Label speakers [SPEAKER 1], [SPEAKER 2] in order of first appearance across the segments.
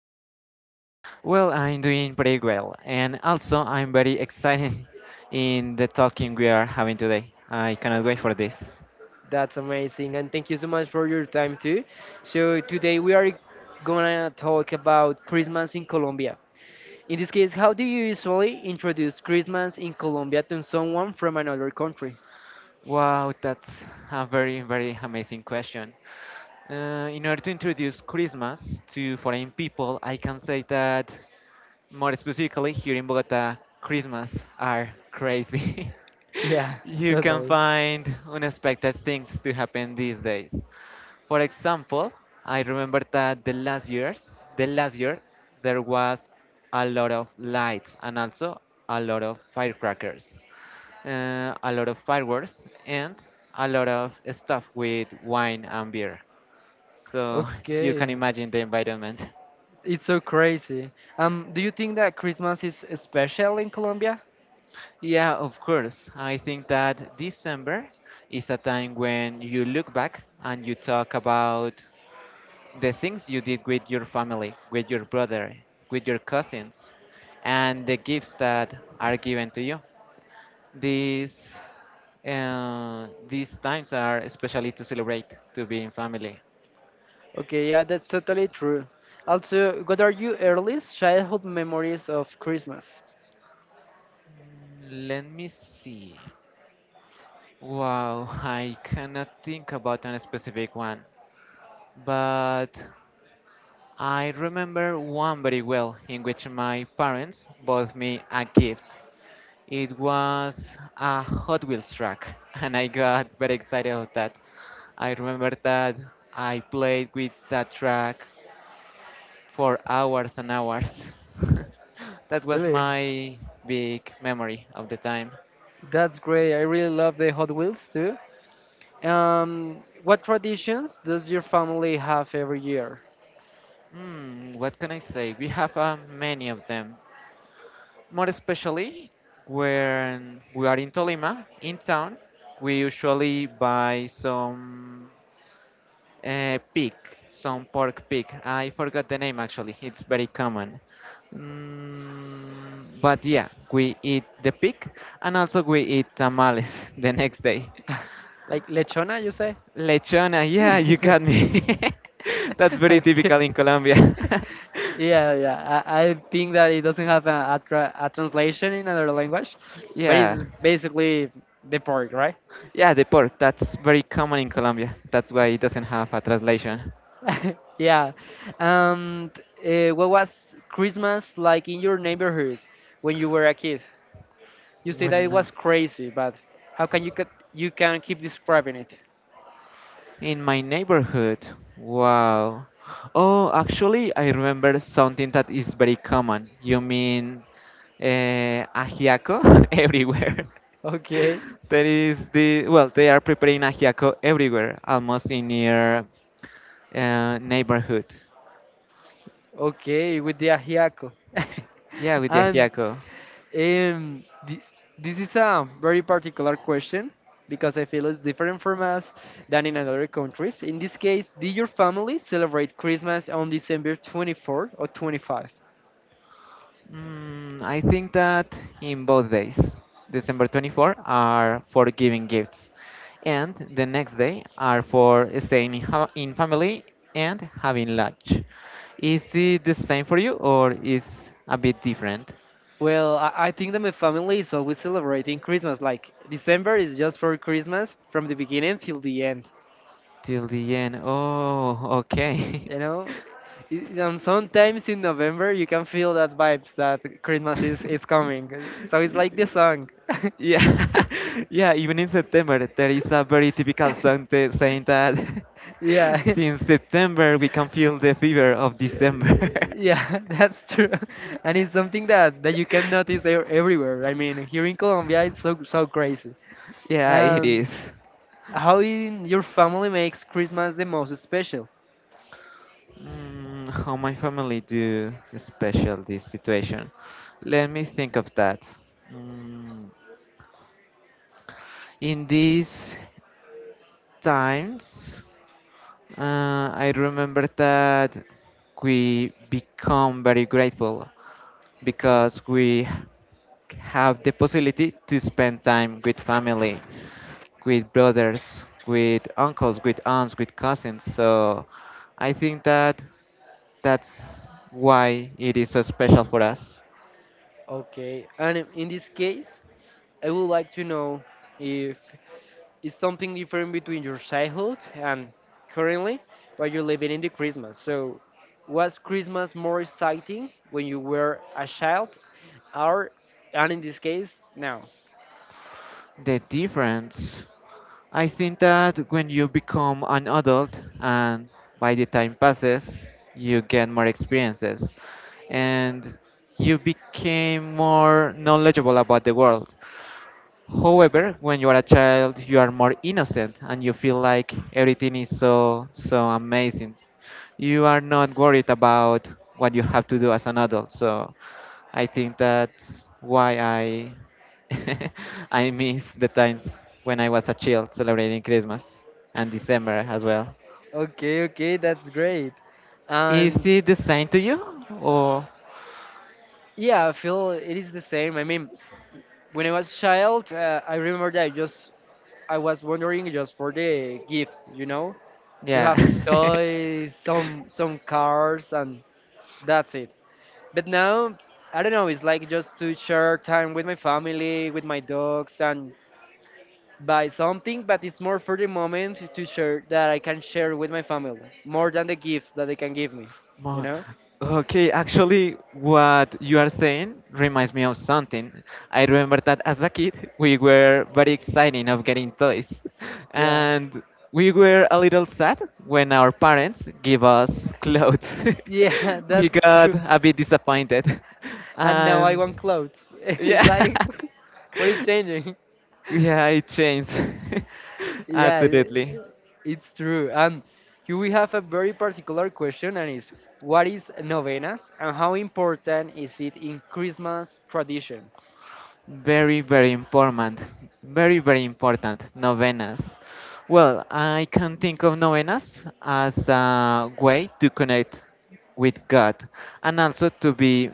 [SPEAKER 1] How are you?
[SPEAKER 2] Well, I'm doing pretty well, and also I'm very excited in the talking we are having today. I cannot wait for this.
[SPEAKER 1] That's amazing, and thank you so much for your time too. So today we are gonna talk about Christmas in Colombia. In this case, how do you usually introduce Christmas in Colombia to someone from another country?
[SPEAKER 2] Wow, that's a very, very amazing question. In order to introduce Christmas to foreign people, I can say that more specifically here in Bogota, Christmas are crazy.
[SPEAKER 1] Yeah,
[SPEAKER 2] you can
[SPEAKER 1] totally.
[SPEAKER 2] find unexpected things to happen these days. For example, I remember that the last years, the last year, there was a lot of lights and also a lot of firecrackers, a lot of fireworks, and a lot of stuff with wine and beer. So you
[SPEAKER 1] Okay.
[SPEAKER 2] can imagine the environment.
[SPEAKER 1] It's so crazy. Do you think that Christmas is special in Colombia?
[SPEAKER 2] Yeah, of course. I think that December is a time when you look back and you talk about the things you did with your family, with your brother, with your cousins, and the gifts that are given to you. These these times are especially to celebrate to be in family.
[SPEAKER 1] Okay, yeah, that's totally true. Also, what are your earliest childhood memories of Christmas?
[SPEAKER 2] Let me see. Wow, I cannot think about a specific one, but I remember one very well in which my parents bought me a gift. It was a Hot Wheels track, and I got very excited about that. I remember that I played with that track for hours and hours. that was
[SPEAKER 1] Really?
[SPEAKER 2] my big memory of the time.
[SPEAKER 1] That's great. I really love the Hot Wheels too. What traditions does your family have every year?
[SPEAKER 2] Hmm, what can I say? We have many of them. More especially when we are in Tolima, in town, we usually buy Uh, pig, some pork pig. I forgot the name actually. It's very common. But yeah, we eat the pig and also we eat tamales the next day.
[SPEAKER 1] Like lechona, you say?
[SPEAKER 2] Lechona, yeah, you got me. That's very
[SPEAKER 1] Okay.
[SPEAKER 2] typical in Colombia.
[SPEAKER 1] Yeah, yeah. I think that it doesn't have a translation in another language, but
[SPEAKER 2] Yeah.
[SPEAKER 1] it's basically the pork, right?
[SPEAKER 2] Yeah, the pork, that's very common in Colombia. That's why it doesn't have a translation.
[SPEAKER 1] Yeah. And what was Christmas like in your neighborhood when you were a kid? You say that it
[SPEAKER 2] When
[SPEAKER 1] was crazy, but how can you cut you can keep describing it?
[SPEAKER 2] In my neighborhood, wow. Oh, actually, I remember something that is very common. You mean Ajiaco everywhere?
[SPEAKER 1] Okay,
[SPEAKER 2] There is the well, they are preparing ajiaco everywhere, almost in your neighborhood.
[SPEAKER 1] okay, with the ajiaco.
[SPEAKER 2] Yeah, with the
[SPEAKER 1] And
[SPEAKER 2] ajiaco.
[SPEAKER 1] um, th- this is a very particular question because I feel it's different from us than in other countries. In this case, did your family celebrate Christmas on December 24 or 25?
[SPEAKER 2] I think that in both days, December 24 are for giving gifts, and the next day are for staying in family and having lunch. Is it the same for you or is a bit different?
[SPEAKER 1] Well, I think that my family is always celebrating Christmas. Like December is just for Christmas from the beginning till the end.
[SPEAKER 2] Till the end. Oh, okay.
[SPEAKER 1] You know, I- and sometimes in November you can feel that vibes that Christmas is coming. So it's like the song.
[SPEAKER 2] Yeah, yeah. Even in September, there is a very typical saying that
[SPEAKER 1] Yeah.
[SPEAKER 2] since September we can feel the fever of December.
[SPEAKER 1] Yeah, that's true. And it's something that you can notice everywhere. I mean, here in Colombia it's so crazy.
[SPEAKER 2] Yeah, it
[SPEAKER 1] And
[SPEAKER 2] is.
[SPEAKER 1] how in your family makes Christmas the most special?
[SPEAKER 2] How my family do special this situation? Let me think of that. Mm, in these times, I remember that we become very grateful
[SPEAKER 1] Okay.
[SPEAKER 2] because we have the possibility to spend time with family, with brothers, with uncles, with aunts, with cousins. So I think that that's why it is so special for us.
[SPEAKER 1] Okay, and in this case, I would like to know if it's something different between your childhood and currently while you're living in the Christmas. So, was Christmas more exciting when you were a child, or and in this case now?
[SPEAKER 2] The difference. I think that when you become an adult and by the time passes, you get more experiences and you became more knowledgeable about the world. However, when you are a child, you are more innocent and you feel like everything is so so amazing you are not worried about what you have to do as an adult. So I think that's why I I miss the times when I was a child celebrating Christmas and December as well.
[SPEAKER 1] Okay, okay, that's great.
[SPEAKER 2] Is
[SPEAKER 1] And
[SPEAKER 2] it the same to you? Or
[SPEAKER 1] yeah, I feel it is the same. I mean, when I was a child, I remember that I was wondering just for the gift, you know, to
[SPEAKER 2] yeah.
[SPEAKER 1] have toys, some some cars, and that's it. But now, I don't know. It's like just to share time with my family, with my dogs, and buy something. But it's more for the moment to share that I can share with my family more than the gifts that they can give me, you
[SPEAKER 2] Mo-
[SPEAKER 1] know.
[SPEAKER 2] Okay, actually, what you are saying reminds me of something. I remember that as a kid, we were very excited of getting toys,
[SPEAKER 1] Yeah,
[SPEAKER 2] and we were a little sad when our parents give us clothes.
[SPEAKER 1] yeah,
[SPEAKER 2] We
[SPEAKER 1] that's
[SPEAKER 2] got
[SPEAKER 1] true.
[SPEAKER 2] a bit disappointed,
[SPEAKER 1] And now I want
[SPEAKER 2] and
[SPEAKER 1] clothes. It's
[SPEAKER 2] yeah,
[SPEAKER 1] like, what is changing?
[SPEAKER 2] yeah, it changed
[SPEAKER 1] Yeah,
[SPEAKER 2] absolutely.
[SPEAKER 1] it's true. And you we have a very particular question, and is what is novenas and how important is it in Christmas traditions?
[SPEAKER 2] Very, very important. Very, very important. Novenas. Well, I can think of novenas as a way to connect with God and also to be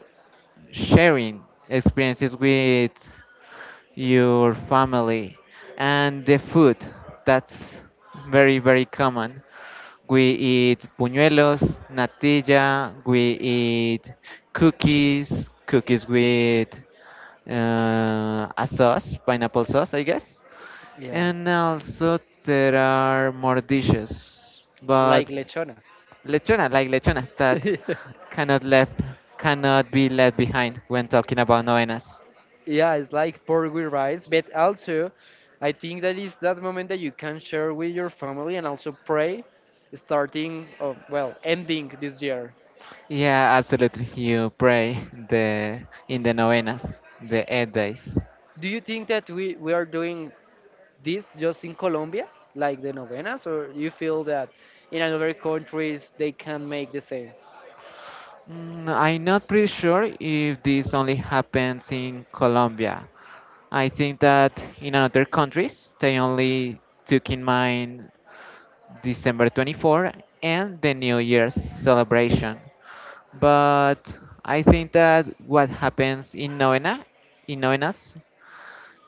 [SPEAKER 2] sharing experiences with your family, and the food. That's very, very common. We eat buñuelos, natilla, we eat cookies, cookies with a sauce, pineapple sauce, I guess.
[SPEAKER 1] Yeah,
[SPEAKER 2] And also there are more dishes,
[SPEAKER 1] like
[SPEAKER 2] but
[SPEAKER 1] lechona.
[SPEAKER 2] lechona, like lechona, that cannot left, cannot be left behind when talking about novenas.
[SPEAKER 1] Yeah, it's like pork with rice, but also I think that is that moment that you can share with your family and also pray, starting, oh, well, ending this year.
[SPEAKER 2] Yeah, absolutely. You pray the in the novenas, the 8 days.
[SPEAKER 1] Do you think that we are doing this just in Colombia, like the novenas, or you feel that in other countries they can make the same?
[SPEAKER 2] I'm not pretty sure if this only happens in Colombia. I think that in other countries they only took in mind December 24 and the New Year's celebration. But I think that what happens in novena, in novenas,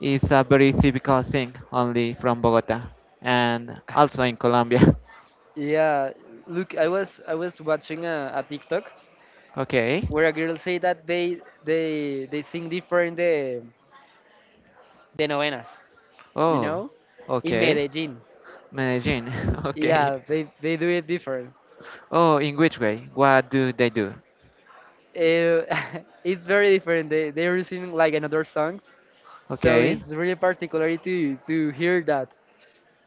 [SPEAKER 2] is a very typical thing only from Bogota and also in Colombia.
[SPEAKER 1] Yeah, look, I was watching a TikTok
[SPEAKER 2] Okay.
[SPEAKER 1] where a girl say that they sing different the novenas, you
[SPEAKER 2] Oh,
[SPEAKER 1] know, in
[SPEAKER 2] okay.
[SPEAKER 1] Medellin.
[SPEAKER 2] Medellin. Okay.
[SPEAKER 1] Yeah, they do it different.
[SPEAKER 2] Oh, in which way? What do they do?
[SPEAKER 1] Uh, it's very different. They're singing like another songs, so
[SPEAKER 2] Okay.
[SPEAKER 1] it's really particular to hear that.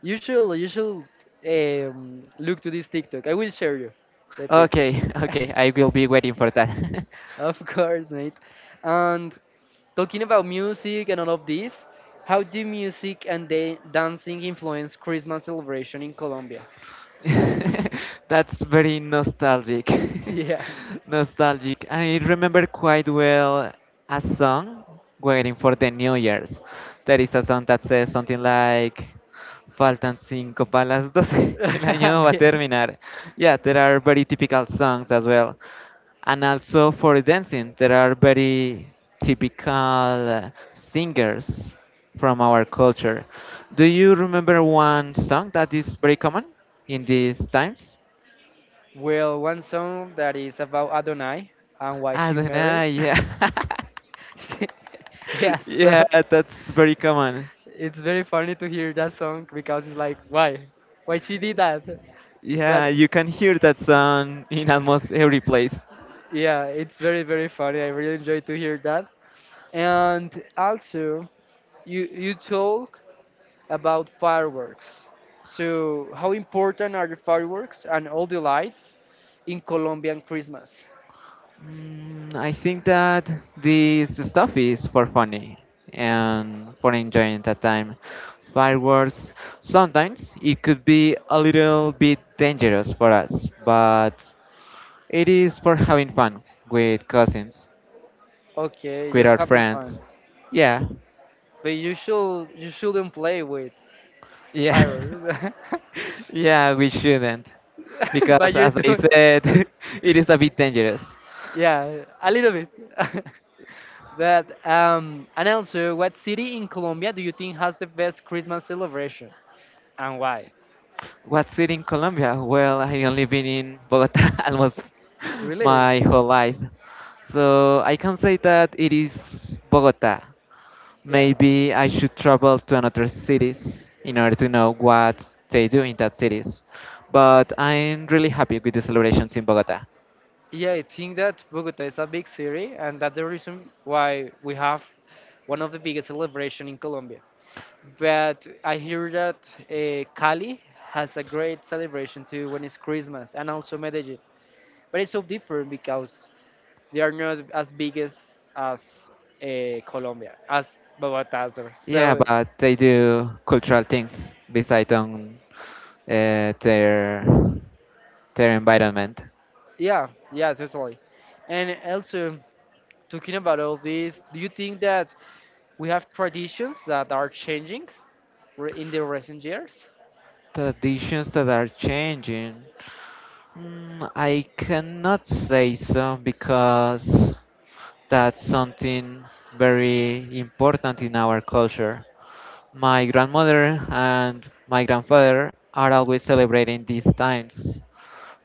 [SPEAKER 1] You should look to this TikTok. I will share you the TikTok.
[SPEAKER 2] Okay. Okay. I will be waiting for that.
[SPEAKER 1] Of course, mate. And talking about music and all of this, how do music and dancing influence Christmas celebration in Colombia?
[SPEAKER 2] That's very nostalgic.
[SPEAKER 1] Yeah.
[SPEAKER 2] Nostalgic. I remember quite well a song waiting for the New Year's. There is a song that says something like Faltan cinco para las doce. el año va a terminar. Yeah, there are very typical songs as well. And also for dancing there are very typical singers from our culture. Do you remember one song that is very common in these times?
[SPEAKER 1] Well, one song that is about Adonai and why
[SPEAKER 2] I
[SPEAKER 1] she
[SPEAKER 2] don't
[SPEAKER 1] married.
[SPEAKER 2] know yeah
[SPEAKER 1] Yeah,
[SPEAKER 2] yeah
[SPEAKER 1] so
[SPEAKER 2] that's very common
[SPEAKER 1] it's very funny to hear that song because it's like, why? Why she did that? But
[SPEAKER 2] yeah you can hear that song in almost every place.
[SPEAKER 1] yeah, it's very funny. I really enjoy to hear that. And also, you talk about fireworks. So, how important are the fireworks and all the lights in Colombian Christmas?
[SPEAKER 2] I think that this stuff is for funny and for enjoying that time. Fireworks, sometimes it could be a little bit dangerous for us, but it is for having fun with cousins,
[SPEAKER 1] Okay,
[SPEAKER 2] with
[SPEAKER 1] just
[SPEAKER 2] our
[SPEAKER 1] having fun.
[SPEAKER 2] friends. Yeah,
[SPEAKER 1] But you shouldn't play with
[SPEAKER 2] yeah,
[SPEAKER 1] fireworks.
[SPEAKER 2] yeah, we shouldn't.
[SPEAKER 1] But
[SPEAKER 2] Because
[SPEAKER 1] you're
[SPEAKER 2] as I
[SPEAKER 1] doing
[SPEAKER 2] said, it is a bit dangerous.
[SPEAKER 1] yeah, a little bit. But and also, what city in Colombia do you think has the best Christmas celebration and why?
[SPEAKER 2] What city in Colombia? Well, I only been in Bogota almost
[SPEAKER 1] Really?
[SPEAKER 2] my whole life. So I can say that it is Bogota.
[SPEAKER 1] Yeah,
[SPEAKER 2] Maybe I should travel to another cities in order to know what they do in that cities. But I'm really happy with the celebrations in Bogota.
[SPEAKER 1] yeah, I think that Bogota is a big city, and that's the reason why we have one of the biggest celebration in Colombia. But I hear that Cali has a great celebration too when it's Christmas, and also Medellin. But it's so different because they are not as big as Colombia, as Bogota. Sorry.
[SPEAKER 2] Yeah,
[SPEAKER 1] So
[SPEAKER 2] but they do cultural things beside on uh, their their environment.
[SPEAKER 1] yeah, yeah, totally. And also talking about all this, do you think that we have traditions that are changing? In the recent years?
[SPEAKER 2] Traditions that are changing. I cannot say so because that's something very important in our culture. My grandmother and my grandfather are always celebrating these times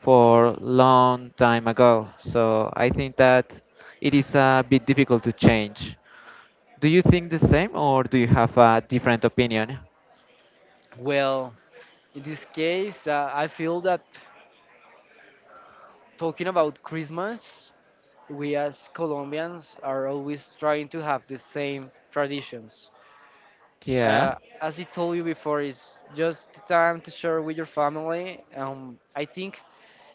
[SPEAKER 2] for
[SPEAKER 1] Okay.
[SPEAKER 2] long time ago. So I think that it is a bit difficult to change. Do you think the same or do you have a different opinion?
[SPEAKER 1] Well, in this case, I feel that talking about Christmas, we as Colombians are always trying to have the same traditions.
[SPEAKER 2] Yeah.
[SPEAKER 1] Uh, as I told you before, it's just the time to share with your family. I think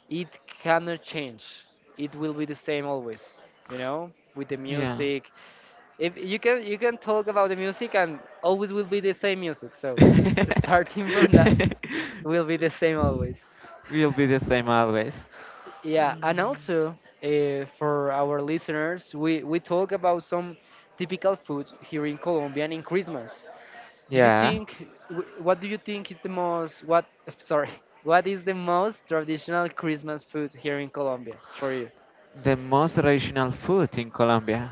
[SPEAKER 1] it cannot change. It will be the same always. You know, with the
[SPEAKER 2] Yeah.
[SPEAKER 1] music. If you can, you can talk about the music, and always will be the same music. So, starting from that. Will be the same always.
[SPEAKER 2] We'll be the same always.
[SPEAKER 1] Yeah, and
[SPEAKER 2] Mm,
[SPEAKER 1] also for our listeners, we talk about some typical food here in Colombia and in Christmas. Do you
[SPEAKER 2] yeah,
[SPEAKER 1] think what do you think is the most what sorry what is the most traditional Christmas food here in Colombia for you?
[SPEAKER 2] the most traditional food in Colombia.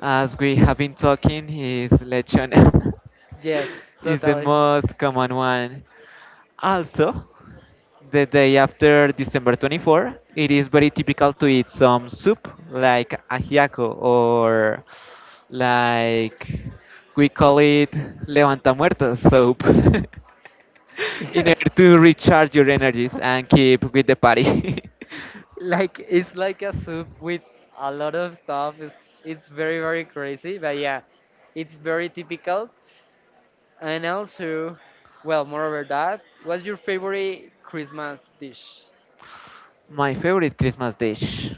[SPEAKER 2] As we have been talking, is lechon.
[SPEAKER 1] Yes,
[SPEAKER 2] is the
[SPEAKER 1] totally.
[SPEAKER 2] most common one. Also, the day after December 24, it is very typical to eat some soup like ajiaco or like we call it levanta muertos soup in order
[SPEAKER 1] Yes,
[SPEAKER 2] to recharge your energies and keep with the party.
[SPEAKER 1] like it's like a soup with a lot of stuff. It's very crazy, but yeah, it's very typical. And also, well, moreover that, what's your favorite Christmas dish?
[SPEAKER 2] My favorite Christmas dish.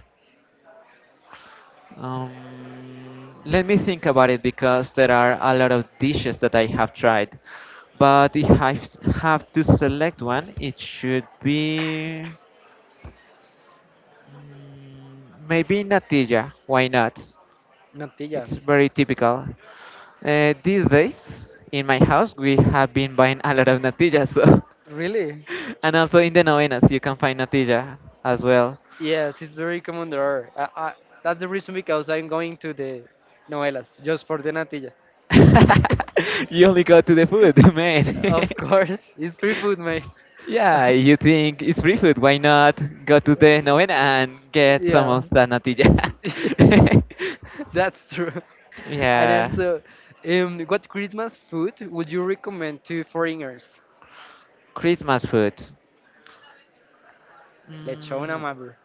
[SPEAKER 2] Let me think about it because there are a lot of dishes that I have tried. But if I have to select one, it should be mm, maybe natilla. Why not?
[SPEAKER 1] Natilla.
[SPEAKER 2] It's very typical. These days in my house, we have been buying a lot of natilla, so
[SPEAKER 1] Really?
[SPEAKER 2] and also in the novenas, you can find natilla as well.
[SPEAKER 1] Yes, it's very common there. That's the reason because I'm going to the novelas just for the natilla.
[SPEAKER 2] You only go to the food, man.
[SPEAKER 1] Of course, it's pre-food, mate.
[SPEAKER 2] Yeah, you think it's free food, why not go to the novena and get some
[SPEAKER 1] Yeah,
[SPEAKER 2] of that natilla?
[SPEAKER 1] yes, that's true. And
[SPEAKER 2] yeah,
[SPEAKER 1] also, what Christmas food would you recommend to foreigners?
[SPEAKER 2] Christmas food.
[SPEAKER 1] Lechon
[SPEAKER 2] Mm,
[SPEAKER 1] amabur.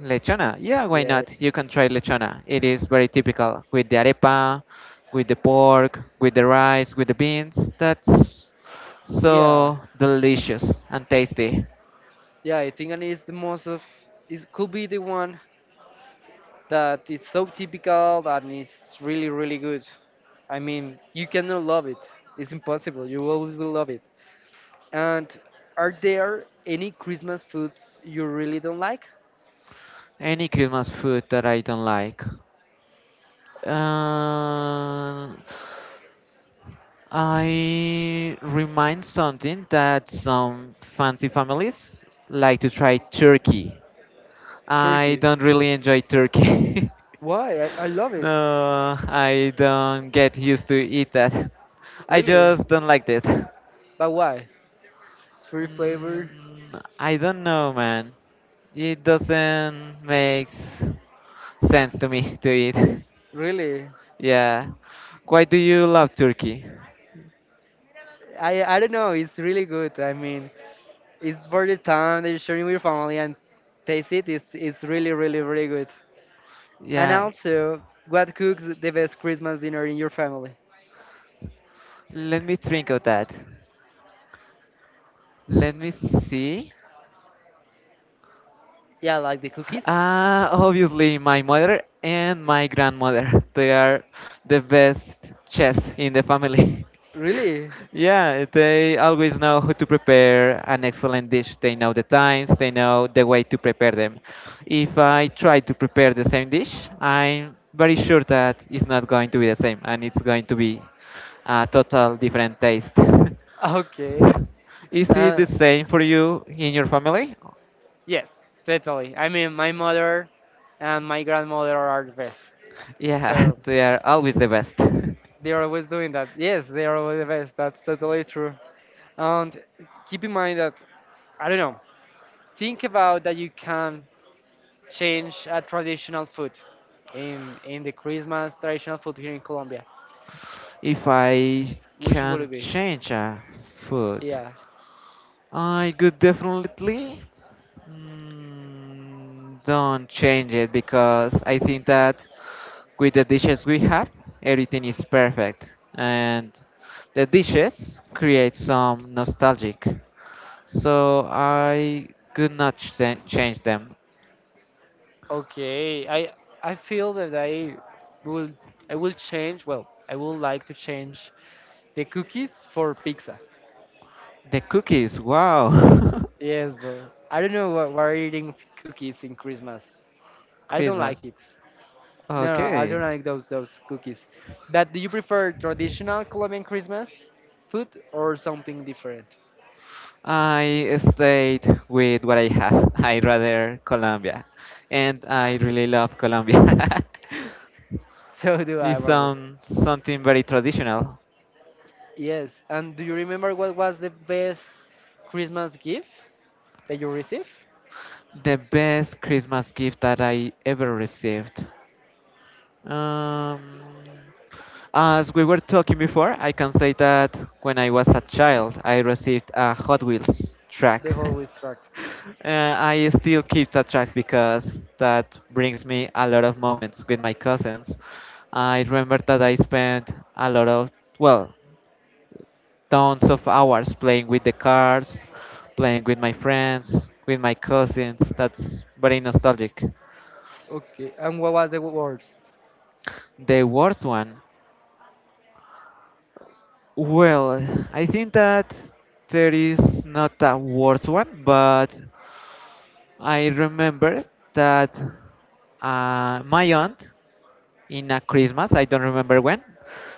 [SPEAKER 2] Lechona, yeah, why
[SPEAKER 1] Yeah.
[SPEAKER 2] not? You can try lechona. It is very typical with the arepa, with the pork, with the rice, with the beans. That's
[SPEAKER 1] Yeah,
[SPEAKER 2] so delicious and tasty.
[SPEAKER 1] yeah, I think and it's the most of it could be the one that is so typical and it's really good. I mean, you cannot love it. It's impossible. You always will love it. And are there any Christmas foods you really don't like?
[SPEAKER 2] Any Christmas food that I don't like. Uh, I remind something that some fancy families like to try turkey. I
[SPEAKER 1] Turkey.
[SPEAKER 2] don't really enjoy turkey.
[SPEAKER 1] Why? I love it.
[SPEAKER 2] No, I don't get used to eat that. I
[SPEAKER 1] Really?
[SPEAKER 2] just don't like that.
[SPEAKER 1] But why? It's free flavor.
[SPEAKER 2] I don't know, man. It doesn't make sense to me to eat.
[SPEAKER 1] Really?
[SPEAKER 2] yeah. Why do you love turkey?
[SPEAKER 1] I don't know. It's really good. I mean, it's for the time that you're sharing with your family and taste it. It's really good. And
[SPEAKER 2] Yeah.
[SPEAKER 1] also, what cooks the best Christmas dinner in your family?
[SPEAKER 2] Let me think of that. Let me see.
[SPEAKER 1] Yeah, like the cookies.
[SPEAKER 2] Obviously, my mother and my grandmother. They are the best chefs in the family.
[SPEAKER 1] Really?
[SPEAKER 2] Yeah, they always know how to prepare an excellent dish. They know the times, they know the way to prepare them. If I try to prepare the same dish, I'm very sure that it's not going to be the same and it's going to be a total different taste.
[SPEAKER 1] Okay.
[SPEAKER 2] Is it
[SPEAKER 1] Uh,
[SPEAKER 2] the same for you in your family?
[SPEAKER 1] Yes, totally. I mean, my mother and my grandmother are the best.
[SPEAKER 2] Yeah,
[SPEAKER 1] So
[SPEAKER 2] they are always the best.
[SPEAKER 1] they're always doing that. Yes, they're always the best. That's totally true. And keep in mind that, I don't know, think about that you can change a traditional food in the Christmas traditional food here in Colombia.
[SPEAKER 2] If I
[SPEAKER 1] Which will
[SPEAKER 2] can
[SPEAKER 1] it be?
[SPEAKER 2] change a food,
[SPEAKER 1] Yeah.
[SPEAKER 2] I could definitely don't change it because I think that with the dishes we have, everything is perfect, and the dishes create some nostalgic. So I could not ch- change them.
[SPEAKER 1] Okay, I I feel that I will I will change. Well, I would like to change the cookies for pizza.
[SPEAKER 2] The cookies, wow,
[SPEAKER 1] Yes, bro. I don't know why we're eating cookies in Christmas. I don't like
[SPEAKER 2] Christmas.
[SPEAKER 1] it. No, no, I don't
[SPEAKER 2] Okay.
[SPEAKER 1] like those cookies. But do you prefer traditional Colombian Christmas food or something different?
[SPEAKER 2] I stayed with what I have. I rather Colombia, and I really love Colombia.
[SPEAKER 1] So do I,
[SPEAKER 2] It's
[SPEAKER 1] Robert.
[SPEAKER 2] something very traditional.
[SPEAKER 1] Yes, and do you remember what was the best Christmas gift that you received?
[SPEAKER 2] The best Christmas gift that I ever received. Um, as we were talking before, I can say that when I was a child, I received a Hot Wheels track.
[SPEAKER 1] The whole week struck.
[SPEAKER 2] I still keep that track because that brings me a lot of moments with my cousins. I remember that I spent a lot of, well, tons of hours playing with the cars, playing with my friends, with my cousins. That's very nostalgic.
[SPEAKER 1] Okay, and what was the worst?
[SPEAKER 2] The worst one. Well, I think that there is not a worse one, but I remember that my aunt in a Christmas, I don't remember when,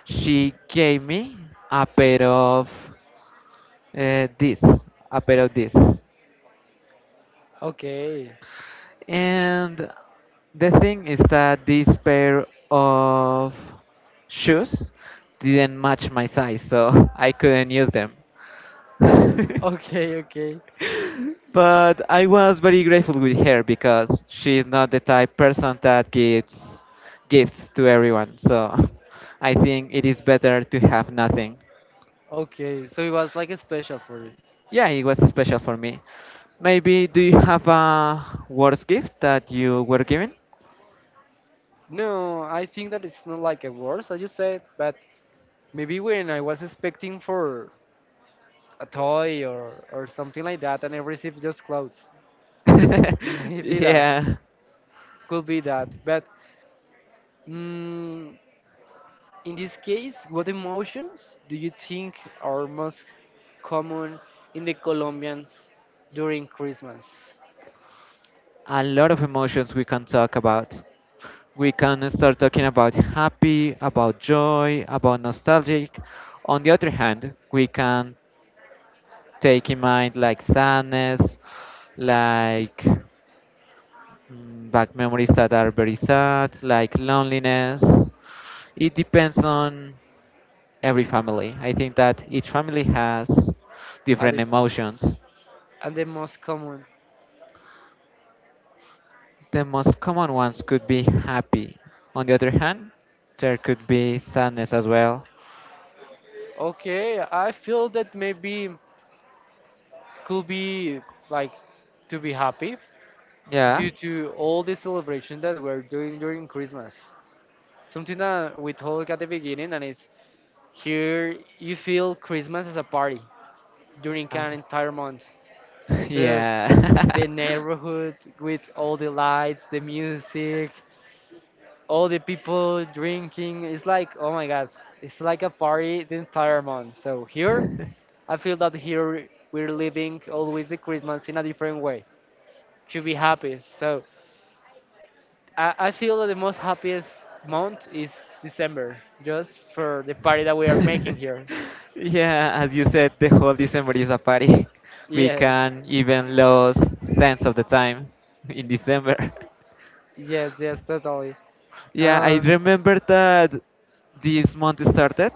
[SPEAKER 2] she gave me a pair of uh, this, a pair of this.
[SPEAKER 1] Okay,
[SPEAKER 2] And the thing is that this pair of shoes didn't match my size, so I couldn't use them.
[SPEAKER 1] okay, okay,
[SPEAKER 2] But I was very grateful with her because she's not the type person that gives gifts to everyone. So I think it is better to have nothing.
[SPEAKER 1] okay. So it was like a special for you.
[SPEAKER 2] Yeah, it was special for me. Maybe do you have a worst gift that you were given?
[SPEAKER 1] No, I think that it's not like a worst, as you said, but maybe when I was expecting for a toy or something like that, and I received just clothes. Maybe that
[SPEAKER 2] Yeah,
[SPEAKER 1] could be that. But mm, in this case, what emotions do you think are most common in the Colombians during Christmas?
[SPEAKER 2] a lot of emotions we can talk about. We can start talking about happy, about joy, about nostalgic. On the other hand, we can take in mind like sadness, like back memories that are very sad, like loneliness. It depends on every family. I think that each family has
[SPEAKER 1] Are
[SPEAKER 2] different
[SPEAKER 1] different
[SPEAKER 2] emotions.
[SPEAKER 1] and the most common.
[SPEAKER 2] The most common ones could be happy. On the other hand, there could be sadness as well.
[SPEAKER 1] Okay, I feel that maybe could be like to be happy
[SPEAKER 2] Yeah.
[SPEAKER 1] due to all the celebration that we're doing during Christmas. Something that we talked at the beginning, and it's here you feel Christmas as a party during
[SPEAKER 2] Um,
[SPEAKER 1] an entire month. So
[SPEAKER 2] Yeah.
[SPEAKER 1] the neighborhood with all the lights, the music, all the people drinking, it's like oh my god, it's like a party the entire month. So here I feel that here we're living always the Christmas in a different way. Should be happy. So I feel that the most happiest month is December, just for the party that we are making here.
[SPEAKER 2] Yeah, as you said, the whole December is a party. We
[SPEAKER 1] Yeah,
[SPEAKER 2] can even lose sense of the time in December.
[SPEAKER 1] yes, yes, totally.
[SPEAKER 2] Yeah, I
[SPEAKER 1] Um,
[SPEAKER 2] remember that this month started.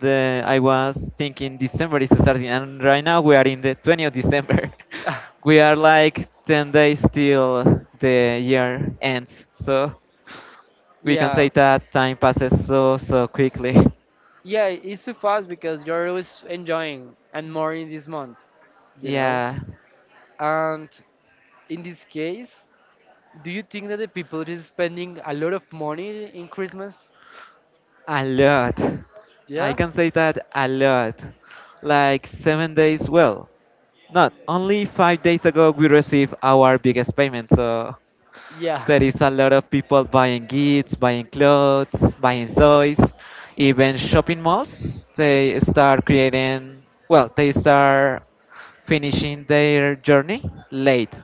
[SPEAKER 2] The I was thinking December is starting, and right now we are in the 20th of December. We are like 10 days till the year ends, so we can say
[SPEAKER 1] yeah,
[SPEAKER 2] that time passes so quickly.
[SPEAKER 1] yeah, it's so fast because you're always enjoying and more in this month, you know.
[SPEAKER 2] Yeah,
[SPEAKER 1] And in this case, do you think that the people is spending a lot of money in Christmas?
[SPEAKER 2] a lot. I
[SPEAKER 1] Yeah,
[SPEAKER 2] can say that a lot. Like 7 days, well, not only 5 days ago we received our biggest payment, so
[SPEAKER 1] yeah.
[SPEAKER 2] there is a lot of people buying gifts, buying clothes, buying toys, even shopping malls. They start creating, well, they start finishing their journey late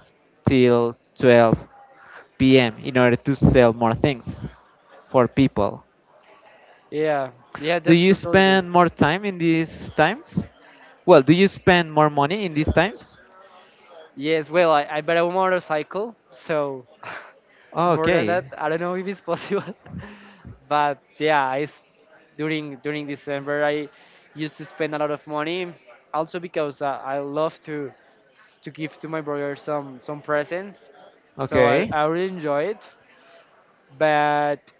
[SPEAKER 2] till 12 p.m. in order to sell more things for people.
[SPEAKER 1] Yeah, yeah,
[SPEAKER 2] Do
[SPEAKER 1] that's
[SPEAKER 2] you
[SPEAKER 1] totally true.
[SPEAKER 2] spend more time in these times? Well, do you spend more money in these times?
[SPEAKER 1] Yes, well, I bought a motorcycle, so more than
[SPEAKER 2] Okay,
[SPEAKER 1] that, I don't know if it's possible. But yeah, I s during December, I used to spend a lot of money, also because I love to give to my brother some presents, so I,
[SPEAKER 2] okay.
[SPEAKER 1] I really enjoy it. But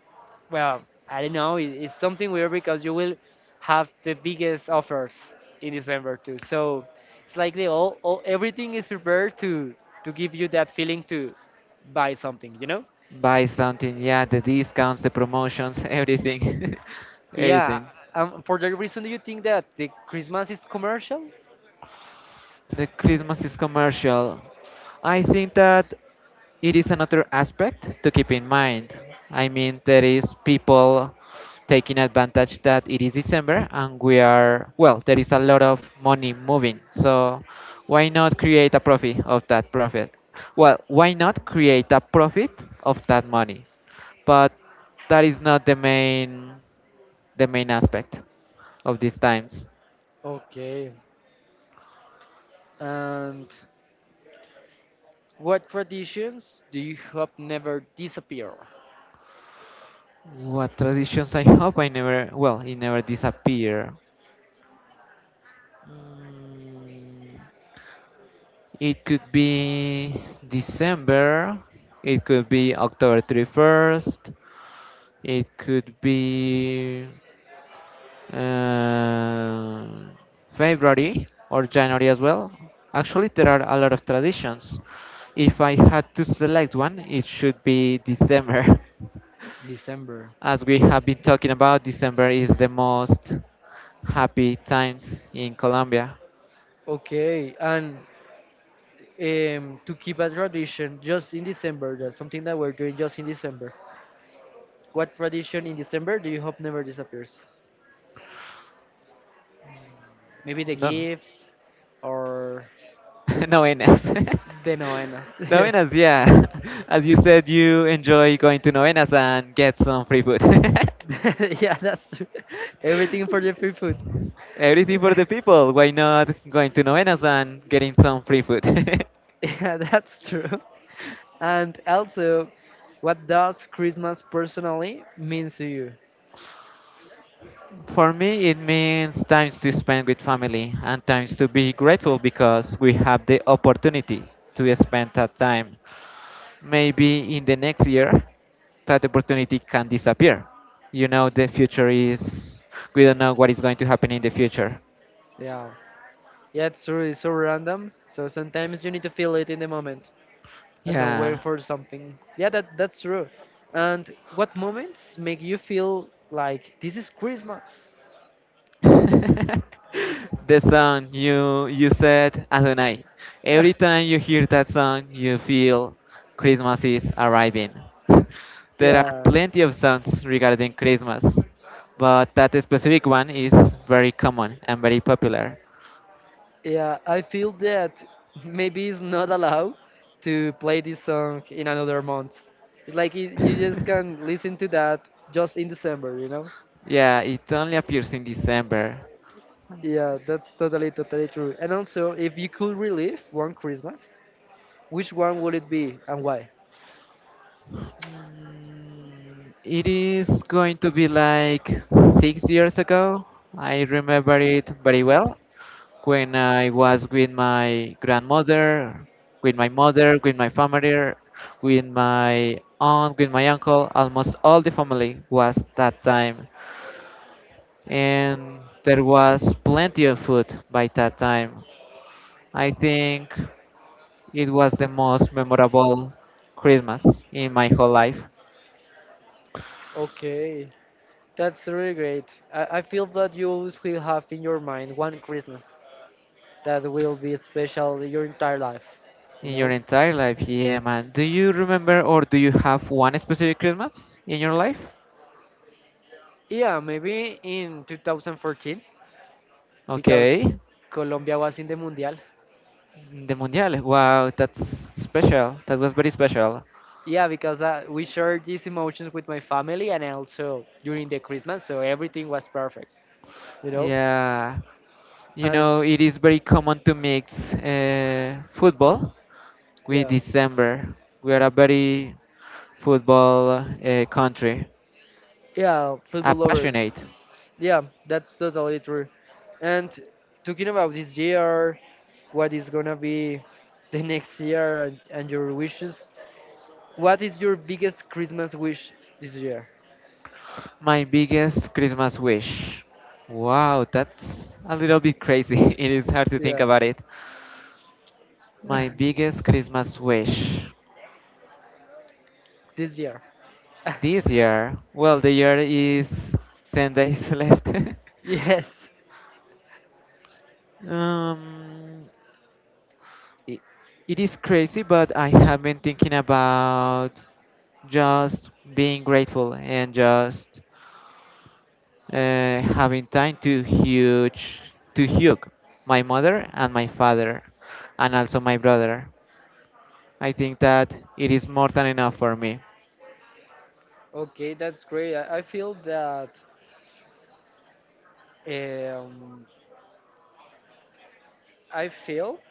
[SPEAKER 1] well, I don't know. It's something weird because you will have the biggest offers in December too. So it's like they all everything is prepared to give you that feeling to buy something, you know?
[SPEAKER 2] Buy something, yeah, the discounts, the promotions, everything.
[SPEAKER 1] Yeah.
[SPEAKER 2] Everything.
[SPEAKER 1] For that reason, do you think that the Christmas is commercial?
[SPEAKER 2] The Christmas is commercial. I think that it is another aspect to keep in mind. I mean, there is people taking advantage that it is December and we are, well, there is a lot of money moving. So why not create a profit of that profit? Well, why not create a profit of that money? But that is not the main aspect of these times.
[SPEAKER 1] Okay. And what traditions do you hope never disappear?
[SPEAKER 2] What traditions I hope I never, well, it never disappear. Mm, It could be December, it could be October 31st, it could be uh, February or January as well. Actually, there are a lot of traditions. If I had to select one, it should be December.
[SPEAKER 1] December.
[SPEAKER 2] As we have been talking about, December is the most happy times in Colombia.
[SPEAKER 1] Okay. And to keep a tradition just in December, that's something that we're doing just in December. What tradition in December do you hope never disappears? Maybe the
[SPEAKER 2] No,
[SPEAKER 1] gifts or
[SPEAKER 2] novenas.
[SPEAKER 1] the novenas.
[SPEAKER 2] Novenas, yeah. As you said, you enjoy going to novenas and get some free food.
[SPEAKER 1] Yes. Yeah, that's true. Everything for the free food.
[SPEAKER 2] Everything for the people. Why not going to novenas and getting some free food?
[SPEAKER 1] Yeah, that's true. And also, what does Christmas personally mean to you?
[SPEAKER 2] For me, it means times to spend with family and times to be grateful because we have the opportunity to spend that time. Maybe in the next year that opportunity can disappear. You know, the future is, we don't know what is going to happen in the future.
[SPEAKER 1] Yeah. Yeah, it's true. It's so random. So sometimes you need to feel it in the moment and not
[SPEAKER 2] Yeah.
[SPEAKER 1] wait for something. Yeah, that's true. And what moments make you feel like this is Christmas?
[SPEAKER 2] The song you said Adonai. Every time you hear that song, you feel Christmas is arriving. There are
[SPEAKER 1] Yeah.
[SPEAKER 2] plenty of songs regarding Christmas, but that specific one is very common and very popular.
[SPEAKER 1] Yeah, I feel that maybe it's not allowed to play this song in another month. It's like you just can listen to that just in December, you know?
[SPEAKER 2] Yeah, it only appears in December.
[SPEAKER 1] Yeah, that's totally true. And also, if you could relive one Christmas, which one would it be and why?
[SPEAKER 2] It is going to be like 6 years ago. I remember it very well when I was with my grandmother, with my mother, with my family, with my aunt, with my uncle. Almost all the family was that time, and there was plenty of food by that time. I think. It was the most memorable Christmas in my whole life,
[SPEAKER 1] Okay, that's really great. I feel that you always will have in your mind one Christmas that will be special your entire life, you
[SPEAKER 2] in your
[SPEAKER 1] know?
[SPEAKER 2] entire life. Yeah, man. Do you remember or do you have one specific Christmas in your life?
[SPEAKER 1] Yeah, maybe in 2014 because
[SPEAKER 2] Okay.
[SPEAKER 1] Colombia was in the Mundial.
[SPEAKER 2] The Mundial. Wow, that's special. That was very special.
[SPEAKER 1] Yeah, because we shared these emotions with my family and also during the Christmas, so everything was perfect, you know?
[SPEAKER 2] Yeah. You
[SPEAKER 1] And
[SPEAKER 2] know, it is very common to mix football with
[SPEAKER 1] yeah,
[SPEAKER 2] December. We are a very football country,
[SPEAKER 1] yeah, football
[SPEAKER 2] a
[SPEAKER 1] lovers.
[SPEAKER 2] passionate.
[SPEAKER 1] Yeah, that's totally true. And talking about this year, what is gonna be the next year and your wishes, what is your biggest Christmas wish this year?
[SPEAKER 2] My biggest Christmas wish. Wow, that's a little bit crazy. It is hard to think
[SPEAKER 1] Yeah,
[SPEAKER 2] about it. My biggest Christmas wish.
[SPEAKER 1] this year.
[SPEAKER 2] This year, well, the year is 10 days left.
[SPEAKER 1] Yes.
[SPEAKER 2] um, it, it is crazy, but I have been thinking about just being grateful and just having time to hug my mother and my father and also my brother. I think that it is more than enough for me.
[SPEAKER 1] Okay, that's great. I feel that. Um, I feel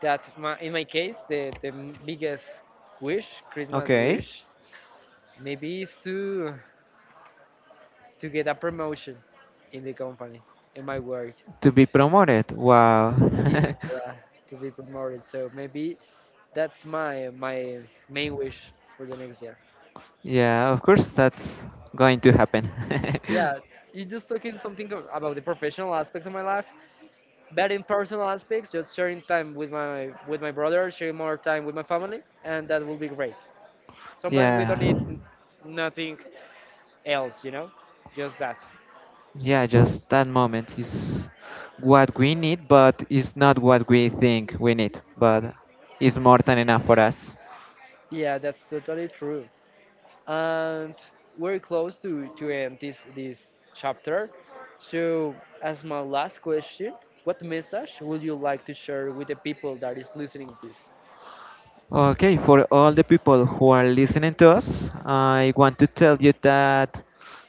[SPEAKER 1] that in my case, the biggest wish, Christmas
[SPEAKER 2] Okay.
[SPEAKER 1] wish, maybe is to get a promotion in the company, in my work.
[SPEAKER 2] To be promoted. Wow.
[SPEAKER 1] Yeah, yeah, to be promoted. So maybe that's my main wish for the next year.
[SPEAKER 2] Yeah, of course that's going to happen.
[SPEAKER 1] Yeah, you just talking something about the professional aspects of my life, but in personal aspects, just sharing time with my brother, sharing more time with my family, and that will be great. Sometimes we
[SPEAKER 2] Yeah.
[SPEAKER 1] don't need nothing else, you know, just that.
[SPEAKER 2] Yeah, just that moment is what we need, but it's not what we think we need, but it's more than enough for us.
[SPEAKER 1] Yeah, that's totally true. And we're close to end this chapter. So, as my last question, what message would you like to share with the people that is listening this?
[SPEAKER 2] Okay, for all the people who are listening to us, I want to tell you that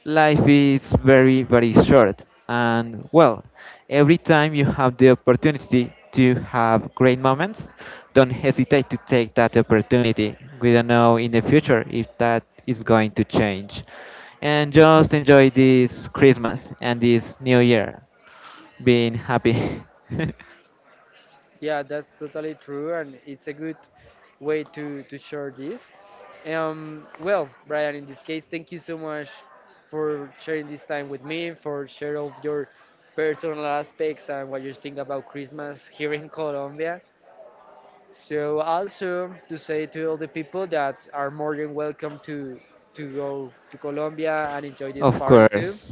[SPEAKER 2] life is very, very short. And well, every time you have the opportunity to have great moments, don't hesitate to take that opportunity. We don't know in the future if that is going to change. And just enjoy this Christmas and this new year. Being happy.
[SPEAKER 1] Yeah, that's totally true, and it's a good way to share this. Well, Brian, in this case, thank you so much for sharing this time with me, for sharing all of your personal aspects and what you think about Christmas here in Colombia. So also to say to all the people that are more than welcome to go to Colombia and enjoy this
[SPEAKER 2] Of
[SPEAKER 1] party too.
[SPEAKER 2] course.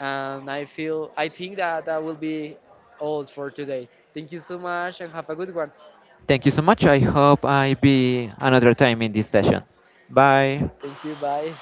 [SPEAKER 1] And I feel I think that that will be all for today. Thank you so much and have a good one.
[SPEAKER 2] Thank you so much. I hope I be another time in this session. Bye.
[SPEAKER 1] Thank you. Bye.